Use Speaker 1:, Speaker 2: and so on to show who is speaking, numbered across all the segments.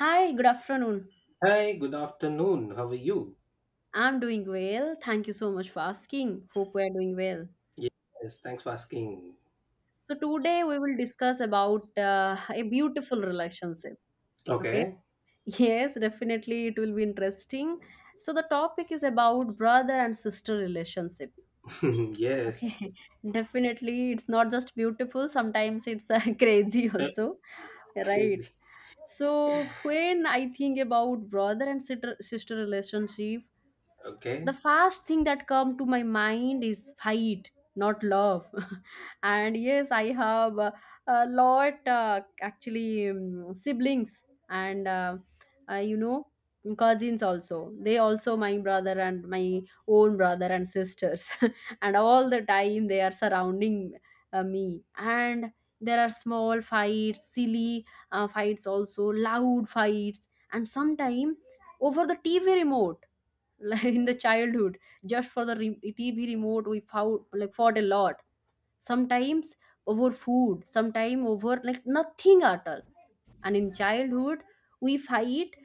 Speaker 1: Hi, good afternoon.
Speaker 2: Hi, good afternoon. How are you?
Speaker 1: I'm doing well. Thank you so much for asking. Hope we are doing well.
Speaker 2: Yes, thanks for asking.
Speaker 1: So today we will discuss about a beautiful relationship. Okay.
Speaker 2: Okay.
Speaker 1: Yes, definitely it will be interesting. So the topic is about brother and sister relationship.
Speaker 2: Yes.
Speaker 1: Okay. Definitely it's not just beautiful, sometimes it's crazy
Speaker 2: Uh,
Speaker 1: also. Right.
Speaker 2: Crazy.
Speaker 1: So when I think about brother and sister relationship, the
Speaker 2: Okay.
Speaker 1: first thing that come to my mind is fight not love. And yes, I have a lot, actually siblings and uh, you know cousins also, they also my brother and my own brother and sisters. And all the time they are surrounding me, and there are small fights, silly fights also, loud fights, and sometime over the TV remote, like in the childhood. Just for the TV remote we fought, like fought a lot sometimes, over food, sometimes over like nothing at all. And in childhood we fight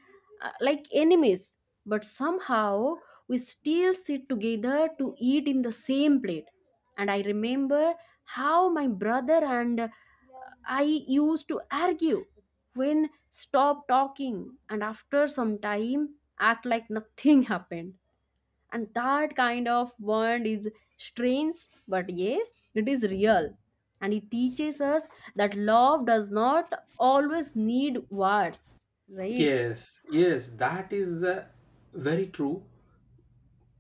Speaker 1: like enemies, but somehow we still sit together to eat in the same plate. And I remember how my brother and I used to argue, when stop talking and after some time act like nothing happened. And that kind of bond is strange, but yes, it is real, and it teaches us that love does not always need words, right?
Speaker 2: Yes, yes, that is very true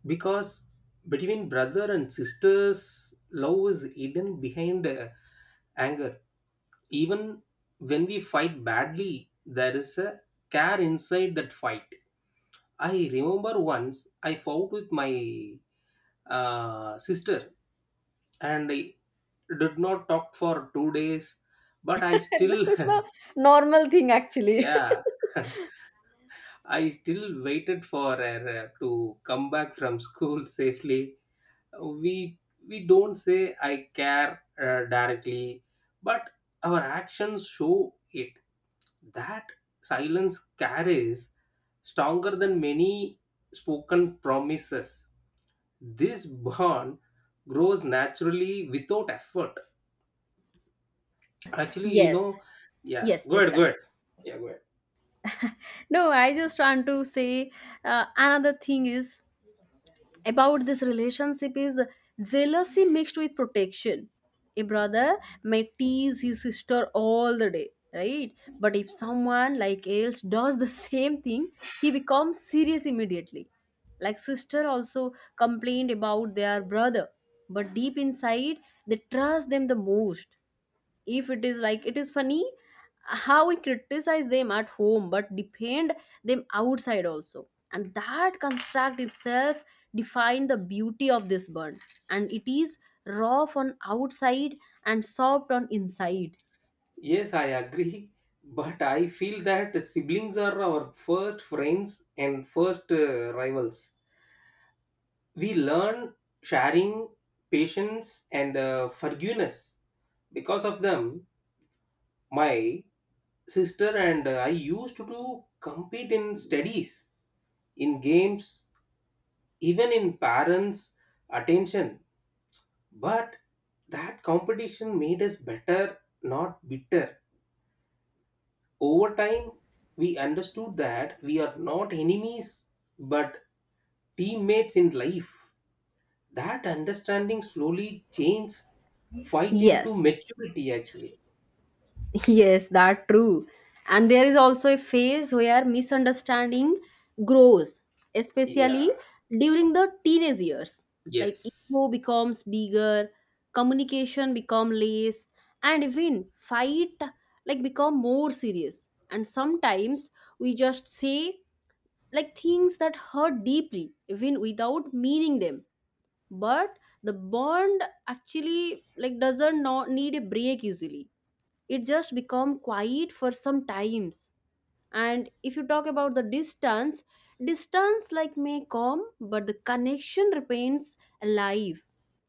Speaker 2: because between brother and sisters, love is hidden behind anger. Even when we fight badly, there is a care inside that fight. I remember once I fought with my sister and I did not talk for 2 days, but I
Speaker 1: This
Speaker 2: still
Speaker 1: is the normal thing actually.
Speaker 2: yeah, I still waited for her to come back from school safely. We we don't say I care directly, but our actions show it. That silence carries stronger than many spoken promises. This bond grows naturally without effort actually you know
Speaker 1: Yes,
Speaker 2: Yeah,
Speaker 1: yes,
Speaker 2: go
Speaker 1: please
Speaker 2: ahead, go
Speaker 1: continue.
Speaker 2: ahead. Yeah, go ahead.
Speaker 1: No, I just want to say another thing is about this relationship is jealousy mixed with protection. A brother may tease his sister all the day, right? But if someone like else does the same thing, he becomes serious immediately. Like sister also complained about their brother, but deep inside they trust them the most. If it is, like, it is funny how we criticize them at home but defend them outside also, and that construct itself define the beauty of this burn. And it is rough on outside and soft on inside.
Speaker 2: Yes, I agree, but I feel that siblings are our first friends and first rivals. We learn sharing, patience, and forgiveness. Because of them, my sister and I used to do compete in studies, in games, even in parents' attention. But that competition made us better, not bitter. Over time, we understood that we are not enemies but teammates in life. That understanding slowly changed fight into
Speaker 1: Yes.
Speaker 2: maturity actually.
Speaker 1: Yes, that true. And there is also a phase where misunderstanding grows, especially
Speaker 2: Yeah.
Speaker 1: during the teenage years. Like ego
Speaker 2: Yes.
Speaker 1: becomes bigger, communication become less, and even fight like become more serious. And sometimes we just say like things that hurt deeply, even without meaning them. But the bond actually like doesn't not need a break easily, it just become quiet for some times. And if you talk about the distance, distance like may come but the connection remains alive,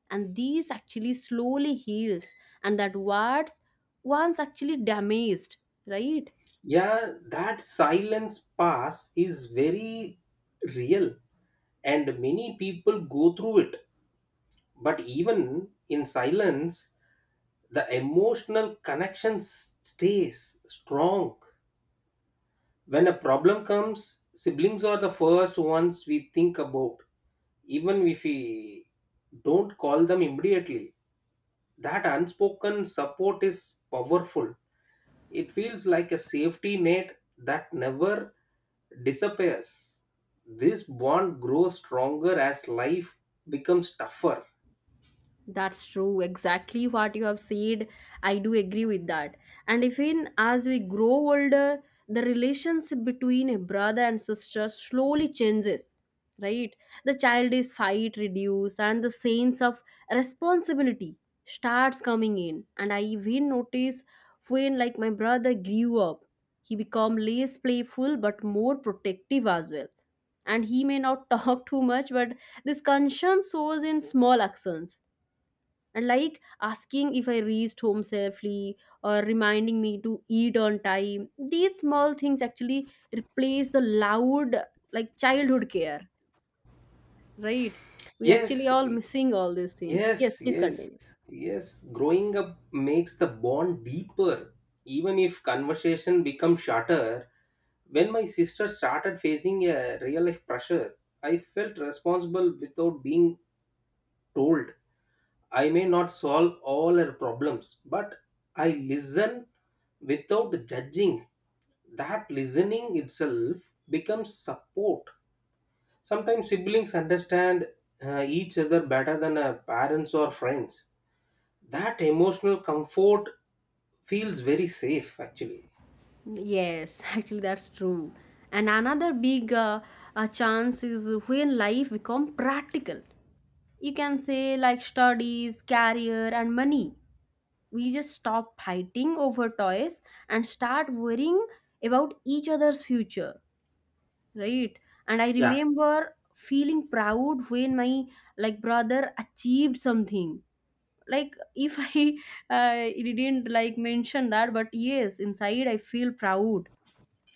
Speaker 1: and these actually slowly heals and that what's once actually damaged, right?
Speaker 2: Yeah, that silence pass is very real, and many people go through it. But even in silence, the emotional connection stays strong. When a problem comes, siblings are the first ones we think about, even if we don't call them immediately. That unspoken support is powerful. It feels like a safety net that never disappears. This bond grows stronger as life becomes tougher.
Speaker 1: That's true. Exactly what you have said. I do agree with that. And even as we grow older, the relationship between a brother and sister slowly changes, right? The childish fight reduce and the sense of responsibility starts coming in. And I even notice when like my brother grew up, he become less playful but more protective as well. And he may not talk too much, but this concern shows in small actions, and like asking if I reached home safely or reminding me to eat on time. These small things actually replace the loud, like childhood care, right? We actually
Speaker 2: Yes.
Speaker 1: all missing all these things. Yes,
Speaker 2: Yes,
Speaker 1: please
Speaker 2: yes,
Speaker 1: continue.
Speaker 2: yes. Growing up makes the bond deeper, even if conversation becomes shorter. When my sister started facing a real life pressure, I felt responsible without being told. I may not solve all her problems, but I listen without judging. That listening itself becomes support. Sometimes siblings understand each other better than parents or friends. That emotional comfort feels very safe actually.
Speaker 1: Yes, actually, that's true. And another big chance is when life become practical. You can say like studies, career, and money. We just stop fighting over toys and start worrying about each other's future, right? And I
Speaker 2: Yeah.
Speaker 1: remember feeling proud when my like brother achieved something, like if I uh, didn't like mention that, but yes, inside I feel proud.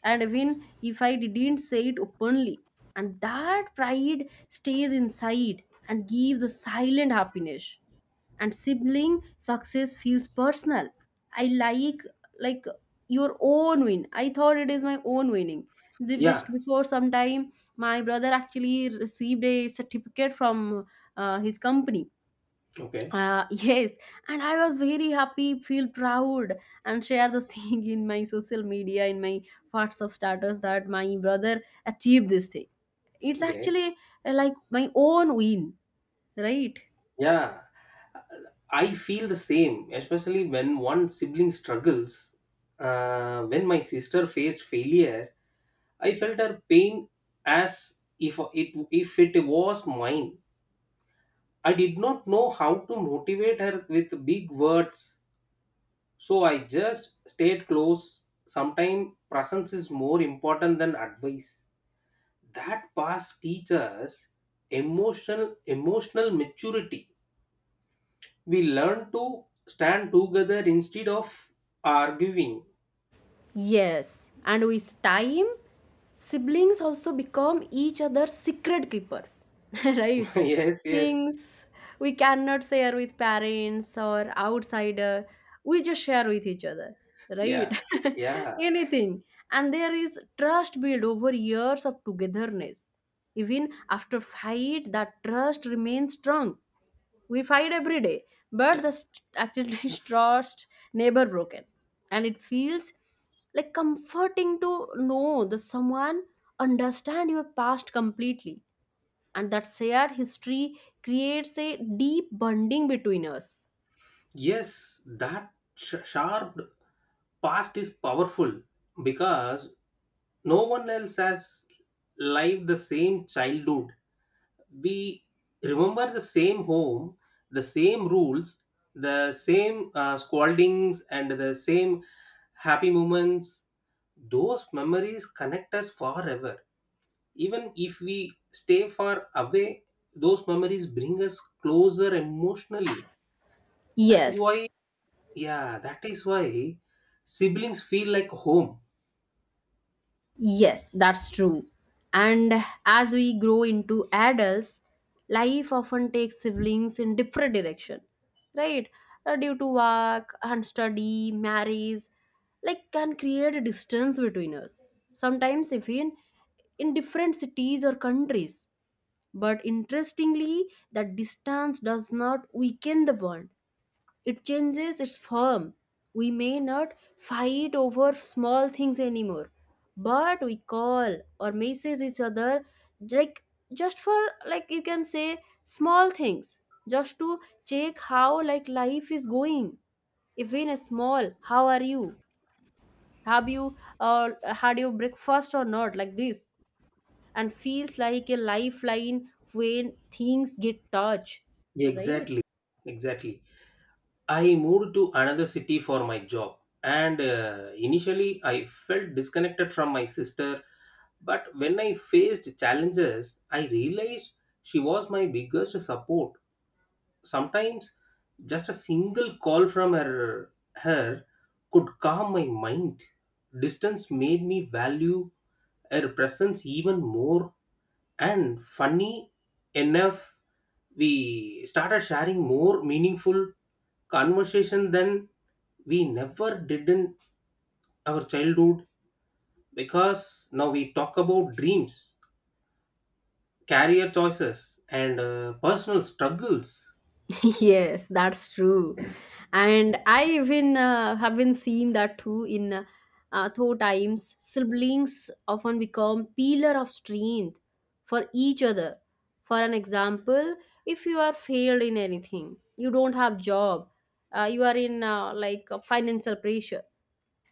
Speaker 1: And even if I didn't say it openly, and that pride stays inside and gives the silent happiness. And sibling success feels personal. I like, your own win, I thought it is my own winning. Just
Speaker 2: Yeah.
Speaker 1: before some time my brother actually received a certificate from his company.
Speaker 2: Okay.
Speaker 1: Yes, and I was very happy, feel proud, and share this thing in my social media, in my WhatsApp status, that my brother achieved this thing. It's
Speaker 2: Great.
Speaker 1: actually like my own win, right?
Speaker 2: Yeah. I feel the same, especially when one sibling struggles. When my sister faced failure, I felt her pain as if it was mine. I did not know how to motivate her with big words, so I just stayed close. Sometimes presence is more important than advice. That past teaches emotional maturity. We learn to stand together instead of arguing.
Speaker 1: Yes, and with time, siblings also become each other's secret keeper, right?
Speaker 2: Yes, yes.
Speaker 1: Things we cannot share with parents or outsider, we just share with each other, right?
Speaker 2: Yeah. Yeah.
Speaker 1: Anything. And there is trust built over years of togetherness. Even after fight, that trust remains strong. We fight every day, but
Speaker 2: Yeah.
Speaker 1: the actually trust never broken. And it feels like comforting to know that someone understand your past completely, and that shared history creates a deep bonding between us.
Speaker 2: Yes, sharp past is powerful because no one else has lived the same childhood. We remember the same home, the same rules, the same scoldings, and the same happy moments. Those memories connect us forever. Even if we stay far away, those memories bring us closer emotionally. That is
Speaker 1: Yes.
Speaker 2: why, yeah, that is why siblings feel like home.
Speaker 1: Yes, that's true. And as we grow into adults, life often takes siblings in different direction, right? Due to work and study, marriage, like can create a distance between us. Sometimes even in different cities or countries. But interestingly, that distance does not weaken the bond. It changes its form. We may not fight over small things anymore, but we call or message each other, like, just for, like, you can say small things, just to check how like life is going. Even a small how are you, have you had your breakfast or not, like this, and feels like a lifeline when things get touched, right?
Speaker 2: Exactly, exactly. I moved to another city for my job, and initially I felt disconnected from my sister. But when I faced challenges, I realized she was my biggest support. Sometimes just a single call from her could calm my mind. Distance made me value her presence even more. And funny enough, we started sharing more meaningful conversation than we never did in our childhood, because now we talk about dreams, career choices, and personal struggles.
Speaker 1: Yes, that's true. And I even have been seen that too in though times, siblings often become pillar of strength for each other. For an example, if you are failed in anything, you don't have job, you are in like a financial pressure,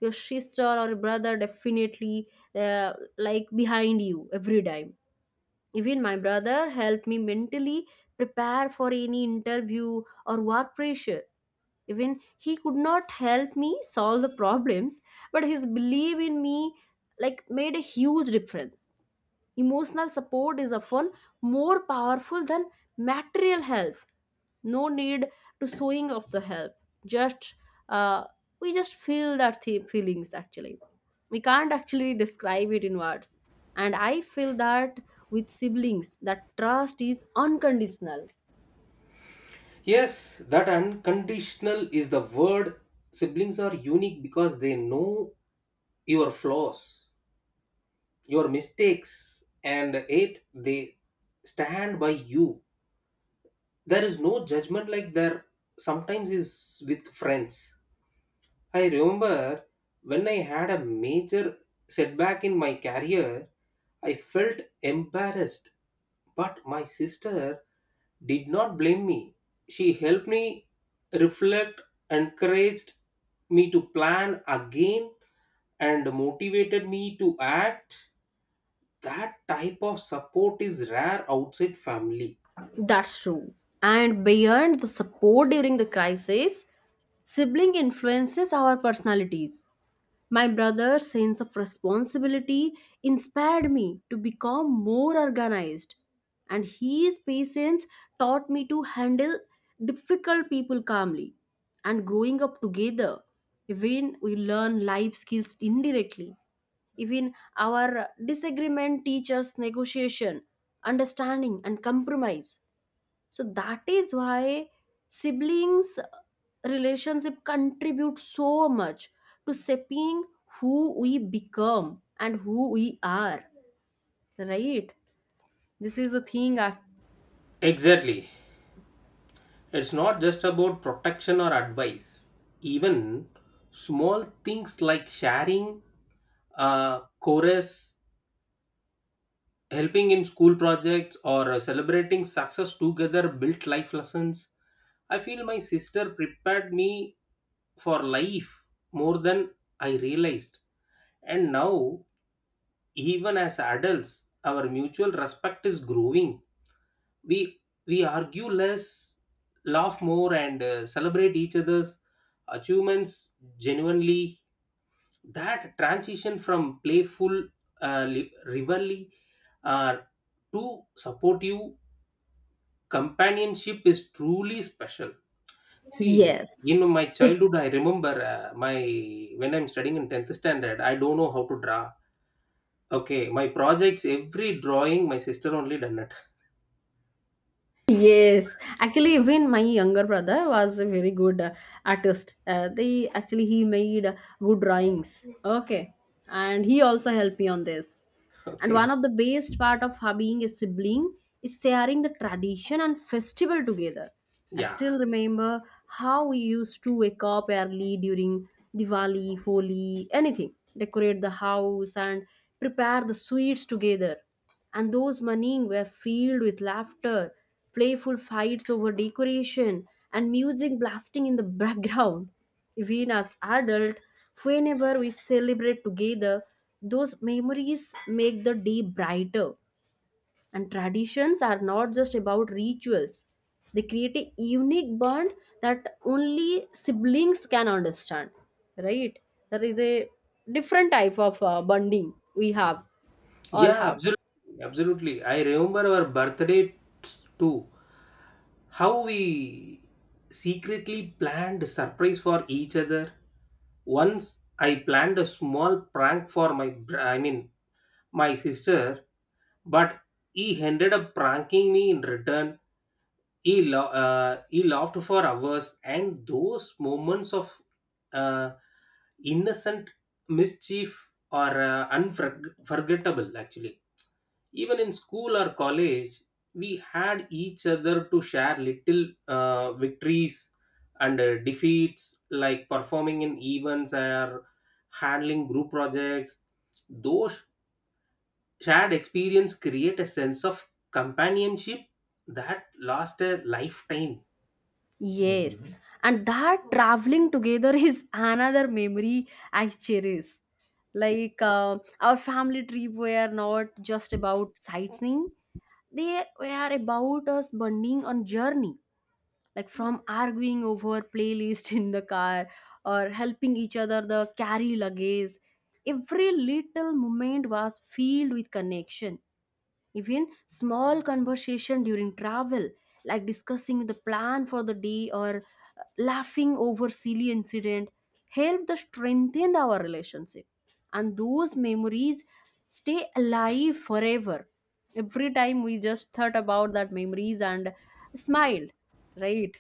Speaker 1: your sister or brother definitely like behind you every time. Even my brother helped me mentally prepare for any interview or work pressure. Even he could not help me solve the problems, but his belief in me like made a huge difference. Emotional support is often more powerful than material help. No need to showing of the help. Just uh, we just feel that feelings actually. We can't actually describe it in words. And I feel that with siblings, that trust is unconditional.
Speaker 2: Yes, that unconditional is the word. Siblings are unique because they know your flaws, your mistakes, and it they stand by you. There is no judgment like there sometimes is with friends. I remember when I had a major setback in my career, I felt embarrassed, but my sister did not blame me. She helped me reflect, encouraged me to plan again, and motivated me to act. That type of support is rare outside family.
Speaker 1: That's true. And beyond the support during the crisis, sibling influences our personalities. My brother's sense of responsibility inspired me to become more organized, and his patience taught me to handle difficult people calmly. And growing up together, even we learn life skills indirectly. Even our disagreement teaches negotiation, understanding, and compromise. So that is why siblings relationship contribute so much to shaping who we become and who we are, right? This is the thing. I—
Speaker 2: Exactly. It's not just about protection or advice. Even small things like sharing a chorus, helping in school projects, or celebrating success together built life lessons. I feel my sister prepared me for life more than I realized. And now, even as adults, our mutual respect is growing. we we argue less, laugh more, and celebrate each other's achievements genuinely. That transition from playful rivalry uh, to supportive companionship is truly special. See, in
Speaker 1: Yes.
Speaker 2: my
Speaker 1: Yes.
Speaker 2: childhood I remember my when I'm studying in 10th standard, I don't know how to draw. Okay, my projects, every drawing, my sister only done it.
Speaker 1: Yes, actually, even my younger brother was a very good artist. They actually he made wood drawings. Okay, and he also helped me on this. And
Speaker 2: Okay.
Speaker 1: one of the best part of being a sibling is sharing the tradition and festival together. I
Speaker 2: Yeah.
Speaker 1: still remember how we used to wake up early during Diwali, Holi, anything, decorate the house and prepare the sweets together. And those mornings were filled with laughter, playful fights over decoration, and music blasting in the background. Even as adult, whenever we celebrate together, those memories make the day brighter. And traditions are not just about rituals, they create a unique bond that only siblings can understand, right? There is a different type of bonding we have all
Speaker 2: Yeah,
Speaker 1: have.
Speaker 2: absolutely, absolutely. I remember our birthday too. How we secretly planned surprise for each other. Once I planned a small prank for I mean, my sister, but he ended up pranking me in return. He laughed for hours, and those moments of uh, innocent mischief are unforgettable, actually. Even in school or college, we had each other to share little victories and defeats, like performing in events or handling group projects. Those shared experience create a sense of companionship that lasts a lifetime.
Speaker 1: Yes. Mhm. And that traveling together is another memory I cherish. Like our family trip were not just about sightseeing; they were about us bonding on journey. Like from arguing over playlist in the car or helping each other the carry luggage, every little moment was filled with connection. Even small conversation during travel, like discussing the plan for the day or laughing over silly incident, help to strengthen our relationship. And those memories stay alive forever. Every time we just thought about that memories and smiled, right?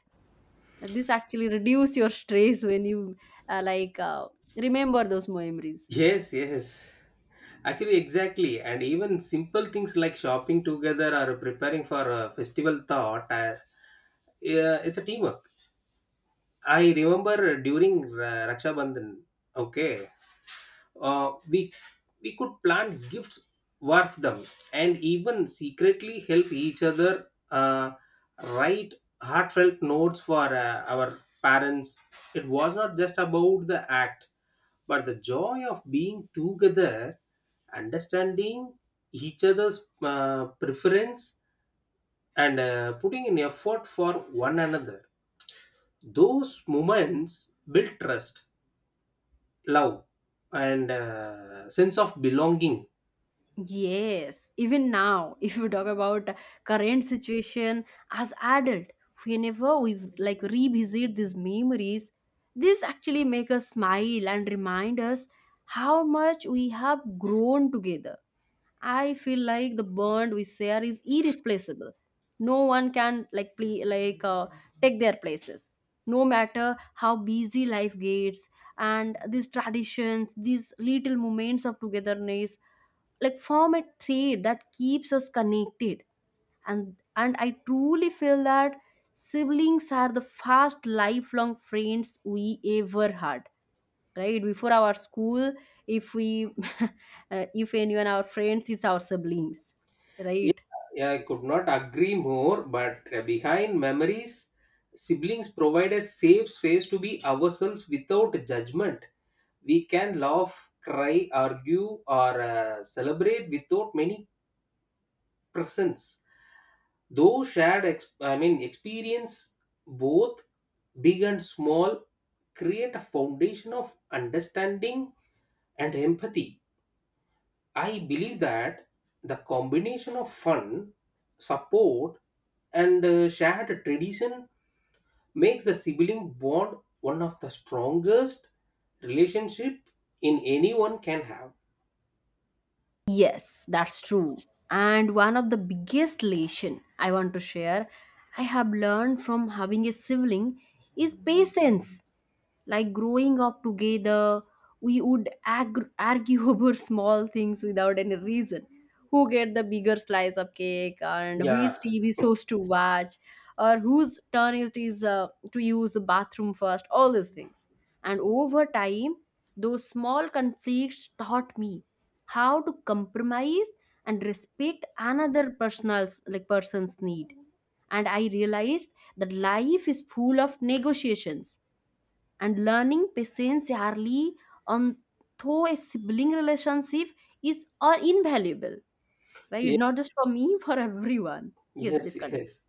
Speaker 1: This actually reduce your stress when you uh, like uh, remember those memories.
Speaker 2: Yes, yes, actually, exactly. And even simple things like shopping together or preparing for a festival thought yeah, it's a teamwork. I remember during Raksha Bandhan, okay, uh, we we could plan gifts, worth them, and even secretly help each other write heartfelt notes for our parents. It was not just about the act, but the joy of being together, understanding each other's preference, and putting in effort for one another. Those moments build trust, love, and sense of belonging.
Speaker 1: Yes, even now, if you talk about current situation as adult, whenever we like revisit these memories, this actually make us smile and remind us how much we have grown together. I feel like the bond we share is irreplaceable. No one can like play, like take their places. No matter how busy life gets, and these traditions, these little moments of togetherness like form a thread that keeps us connected, and I truly feel that siblings are the first lifelong friends we ever had, right? Before our school, if we if anyone our friends, it's our siblings, right?
Speaker 2: Yeah, yeah, I could not agree more, but behind memories, siblings provide a safe space to be ourselves without judgment. We can laugh, cry, argue, or celebrate without many presents. I mean, experience, both big and small, create a foundation of understanding and empathy. I believe that the combination of fun, support, and shared tradition makes the sibling bond one of the strongest relationship in anyone can have.
Speaker 1: Yes, that's true. And one of the biggest lesson I want to share, I have learned from having a sibling is patience. Like growing up together, we would argue over small things without any reason. Who get the bigger slice of cake and
Speaker 2: Yeah.
Speaker 1: whose TV shows to watch, or whose turn it is to use the bathroom first, all these things. And over time, those small conflicts taught me how to compromise and respect another person's need. And I realized that life is full of negotiations, and learning patience early on through a sibling relationship is are invaluable, right?
Speaker 2: Ye-
Speaker 1: Not just for me, for everyone. Yes,
Speaker 2: Yes.
Speaker 1: please continue.
Speaker 2: Yes.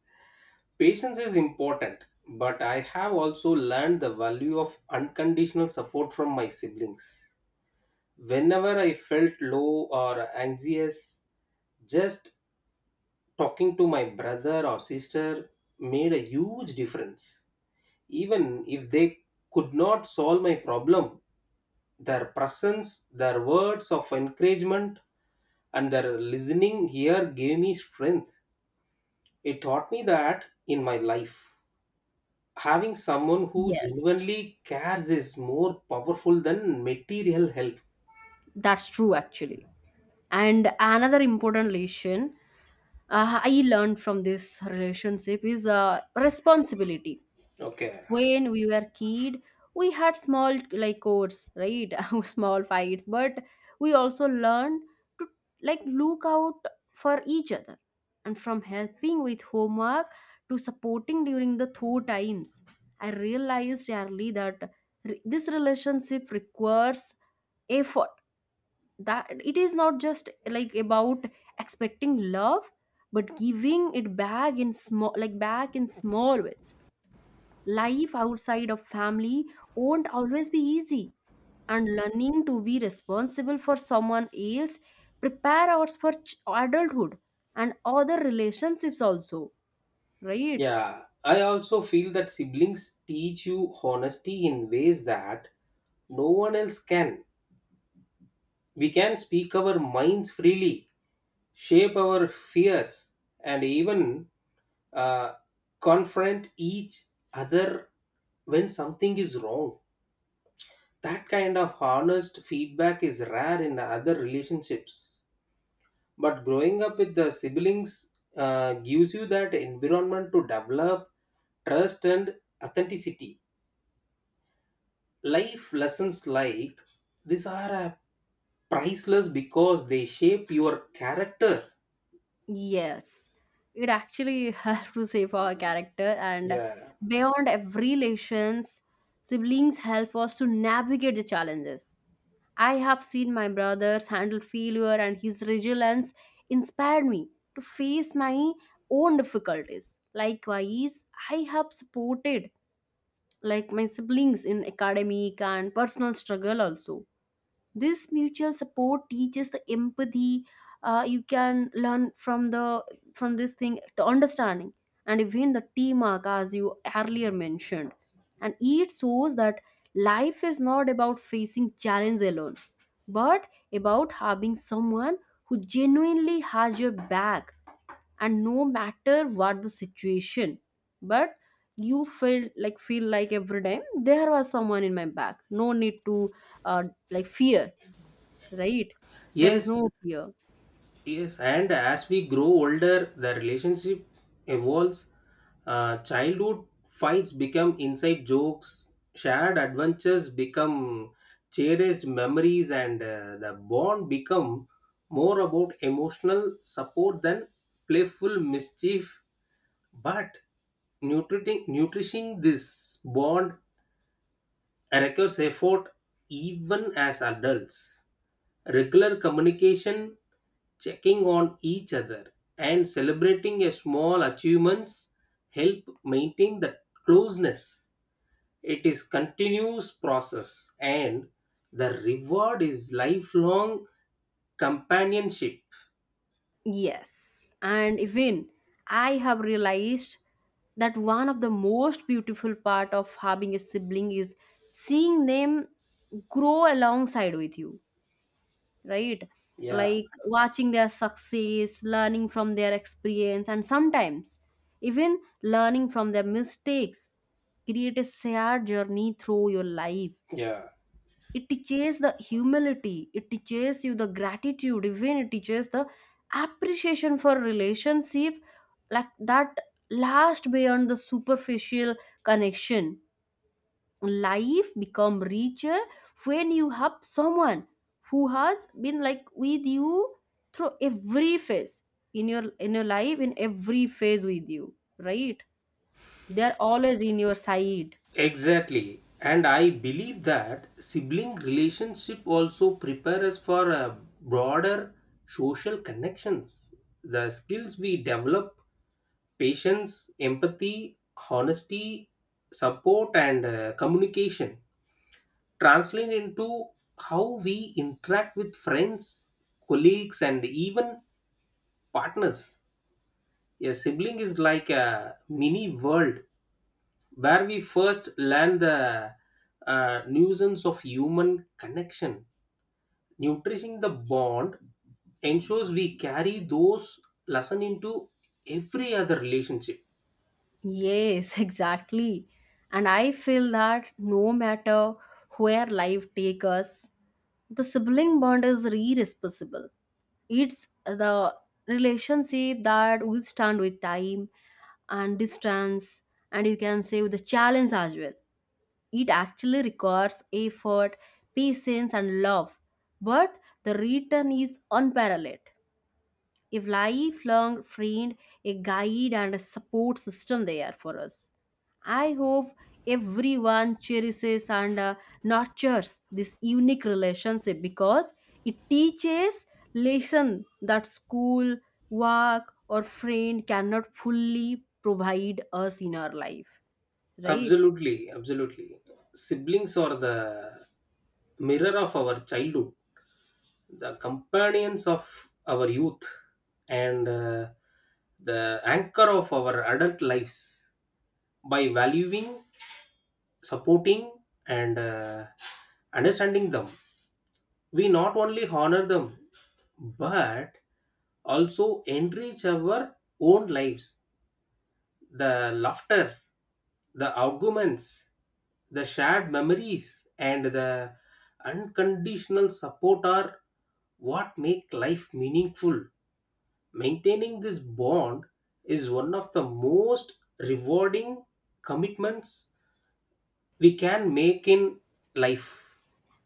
Speaker 2: Patience is important, but I have also learned the value of unconditional support from my siblings. Whenever I felt low or anxious, just talking to my brother or sister made a huge difference. Even if they could not solve my problem, their presence, their words of encouragement, and their listening here gave me strength. It taught me that in my life, having someone who
Speaker 1: Yes,
Speaker 2: genuinely cares is more powerful than material help.
Speaker 1: that's true actually. And another important lesson, I learned from this relationship is, responsibility.
Speaker 2: Okay.
Speaker 1: When we were kid, we had small like codes, right? Small fights, but we also learned to like look out for each other. And from helping with homework to supporting during the tough times, I realized early that this relationship requires effort, that it is not just like about expecting love, but giving it back in small like back in small ways. Life outside of family won't always be easy, and learning to be responsible for someone else prepare us for adulthood and other relationships also, right?
Speaker 2: Yeah, I also feel that siblings teach you honesty in ways that no one else can. We can speak our minds freely, shape our fears, and even uh, confront each other when something is wrong. That kind of honest feedback is rare in other relationships. But growing up with the siblings gives you that environment to develop trust and authenticity. Life lessons like these are priceless because they shape your character.
Speaker 1: Yes, it actually has to save our character. And
Speaker 2: Yeah.
Speaker 1: beyond every relations, siblings help us to navigate the challenges. I have seen my brothers handle failure, and his resilience inspired me to face my own difficulties. Likewise, I have supported like my siblings in academic and personal struggle also. This mutual support teaches the empathy, you can learn from the from this thing, the understanding and even the teamwork, as you earlier mentioned. And it shows that life is not about facing challenge alone, but about having someone who genuinely has your back, and no matter what the situation. But you feel like every time there was someone in my back, no need to, uh, like, fear, right? There is
Speaker 2: Yes,
Speaker 1: no fear.
Speaker 2: yes, and as we grow older, the relationship evolves. Childhood fights become inside jokes, shared adventures become cherished memories, and the bond become more about emotional support than playful mischief. But nutriting, nourishing this bond requires effort even as adults. Regular communication, checking on each other, and celebrating a small achievements help maintain the closeness. It is continuous process and the reward is lifelong companionship.
Speaker 1: Yes. And even I have realized that one of the most beautiful part of having a sibling is seeing them grow alongside with you, right?
Speaker 2: Yeah,
Speaker 1: Like watching their success, learning from their experience, and sometimes even learning from their mistakes. Create a shared journey through your life.
Speaker 2: yeah,
Speaker 1: It teaches the humility, it teaches you the gratitude, even it teaches the appreciation for relationship like that last beyond the superficial connection. Life become richer when you have someone who has been like with you through every phase in your life, in every phase with you, right? They're always in your side.
Speaker 2: exactly. And I believe that sibling relationship also prepare us for broader social connections. The skills we develop: patience, empathy, honesty, support, and communication translate into how we interact with friends, colleagues, and even partners. A sibling is like a mini world where we first learn the nuisance of human connection. Nourishing the bond ensures we carry those lessons into every other relationship.
Speaker 1: Yes, exactly. And I feel that no matter where life takes us, the sibling bond is irreplaceable. It's the relationship that withstand with time and distance, and you can say with the challenge as well. It actually requires effort, patience, and love, but the return is unparalleled. A lifelong friend, a guide, and a support system they are for us. I hope everyone cherishes and, nurtures this unique relationship, because it teaches lesson that school, work, or friend cannot fully provide us in our life, right?
Speaker 2: Absolutely, absolutely. Siblings are the mirror of our childhood, the companions of our youth, and the anchor of our adult lives. By valuing, supporting, and understanding them, we not only honor them but also enrich our own lives. The laughter, the arguments, the shared memories, and the unconditional support are what make life meaningful. Maintaining this bond is one of the most rewarding commitments we can make in life.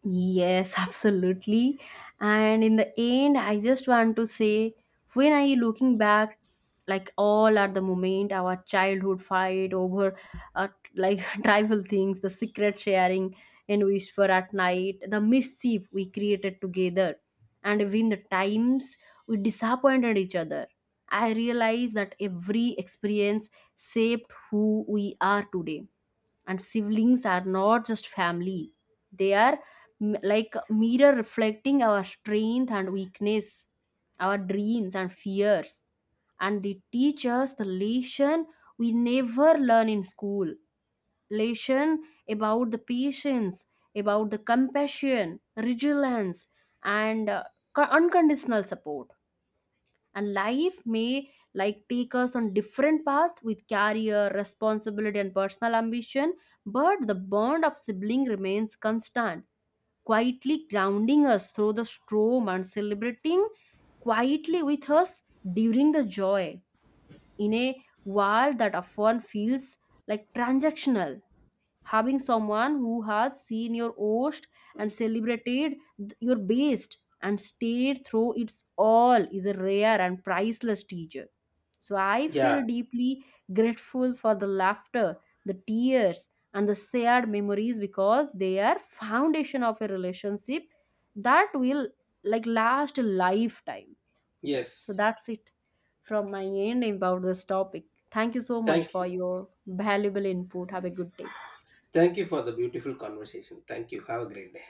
Speaker 1: Yes, absolutely. And in the end, I just want to say, when I looking back, like all at the moment, our childhood fight over, uh, like, trivial things, the secret sharing and whisper at night, the mischief we created together, and even the times we disappointed each other. I realize that every experience shaped who we are today, and siblings are not just family, they are like mirror reflecting our strength and weakness, our dreams and fears. And they teach us the lesson we never learn in school, lesson about the patience, about the compassion, resilience, and, unconditional support. And life may like take us on different paths, with career, responsibility, and personal ambition, but the bond of sibling remains constant, quietly grounding us through the storm and celebrating quietly with us during the joy. In a world that often feels like transactional, having someone who has seen your host and celebrated your best and stayed through its all is a rare and priceless teacher. So I feel
Speaker 2: Yeah,
Speaker 1: deeply grateful for the laughter, the tears, and the shared memories, because they are foundation of a relationship that will like last a lifetime. Yes, so
Speaker 2: yes.
Speaker 1: that's it from my end about this topic. Thank you so much
Speaker 2: Thank
Speaker 1: for
Speaker 2: you.
Speaker 1: your valuable input, have a good day.
Speaker 2: Thank you for the beautiful conversation. Thank you. Have a great day.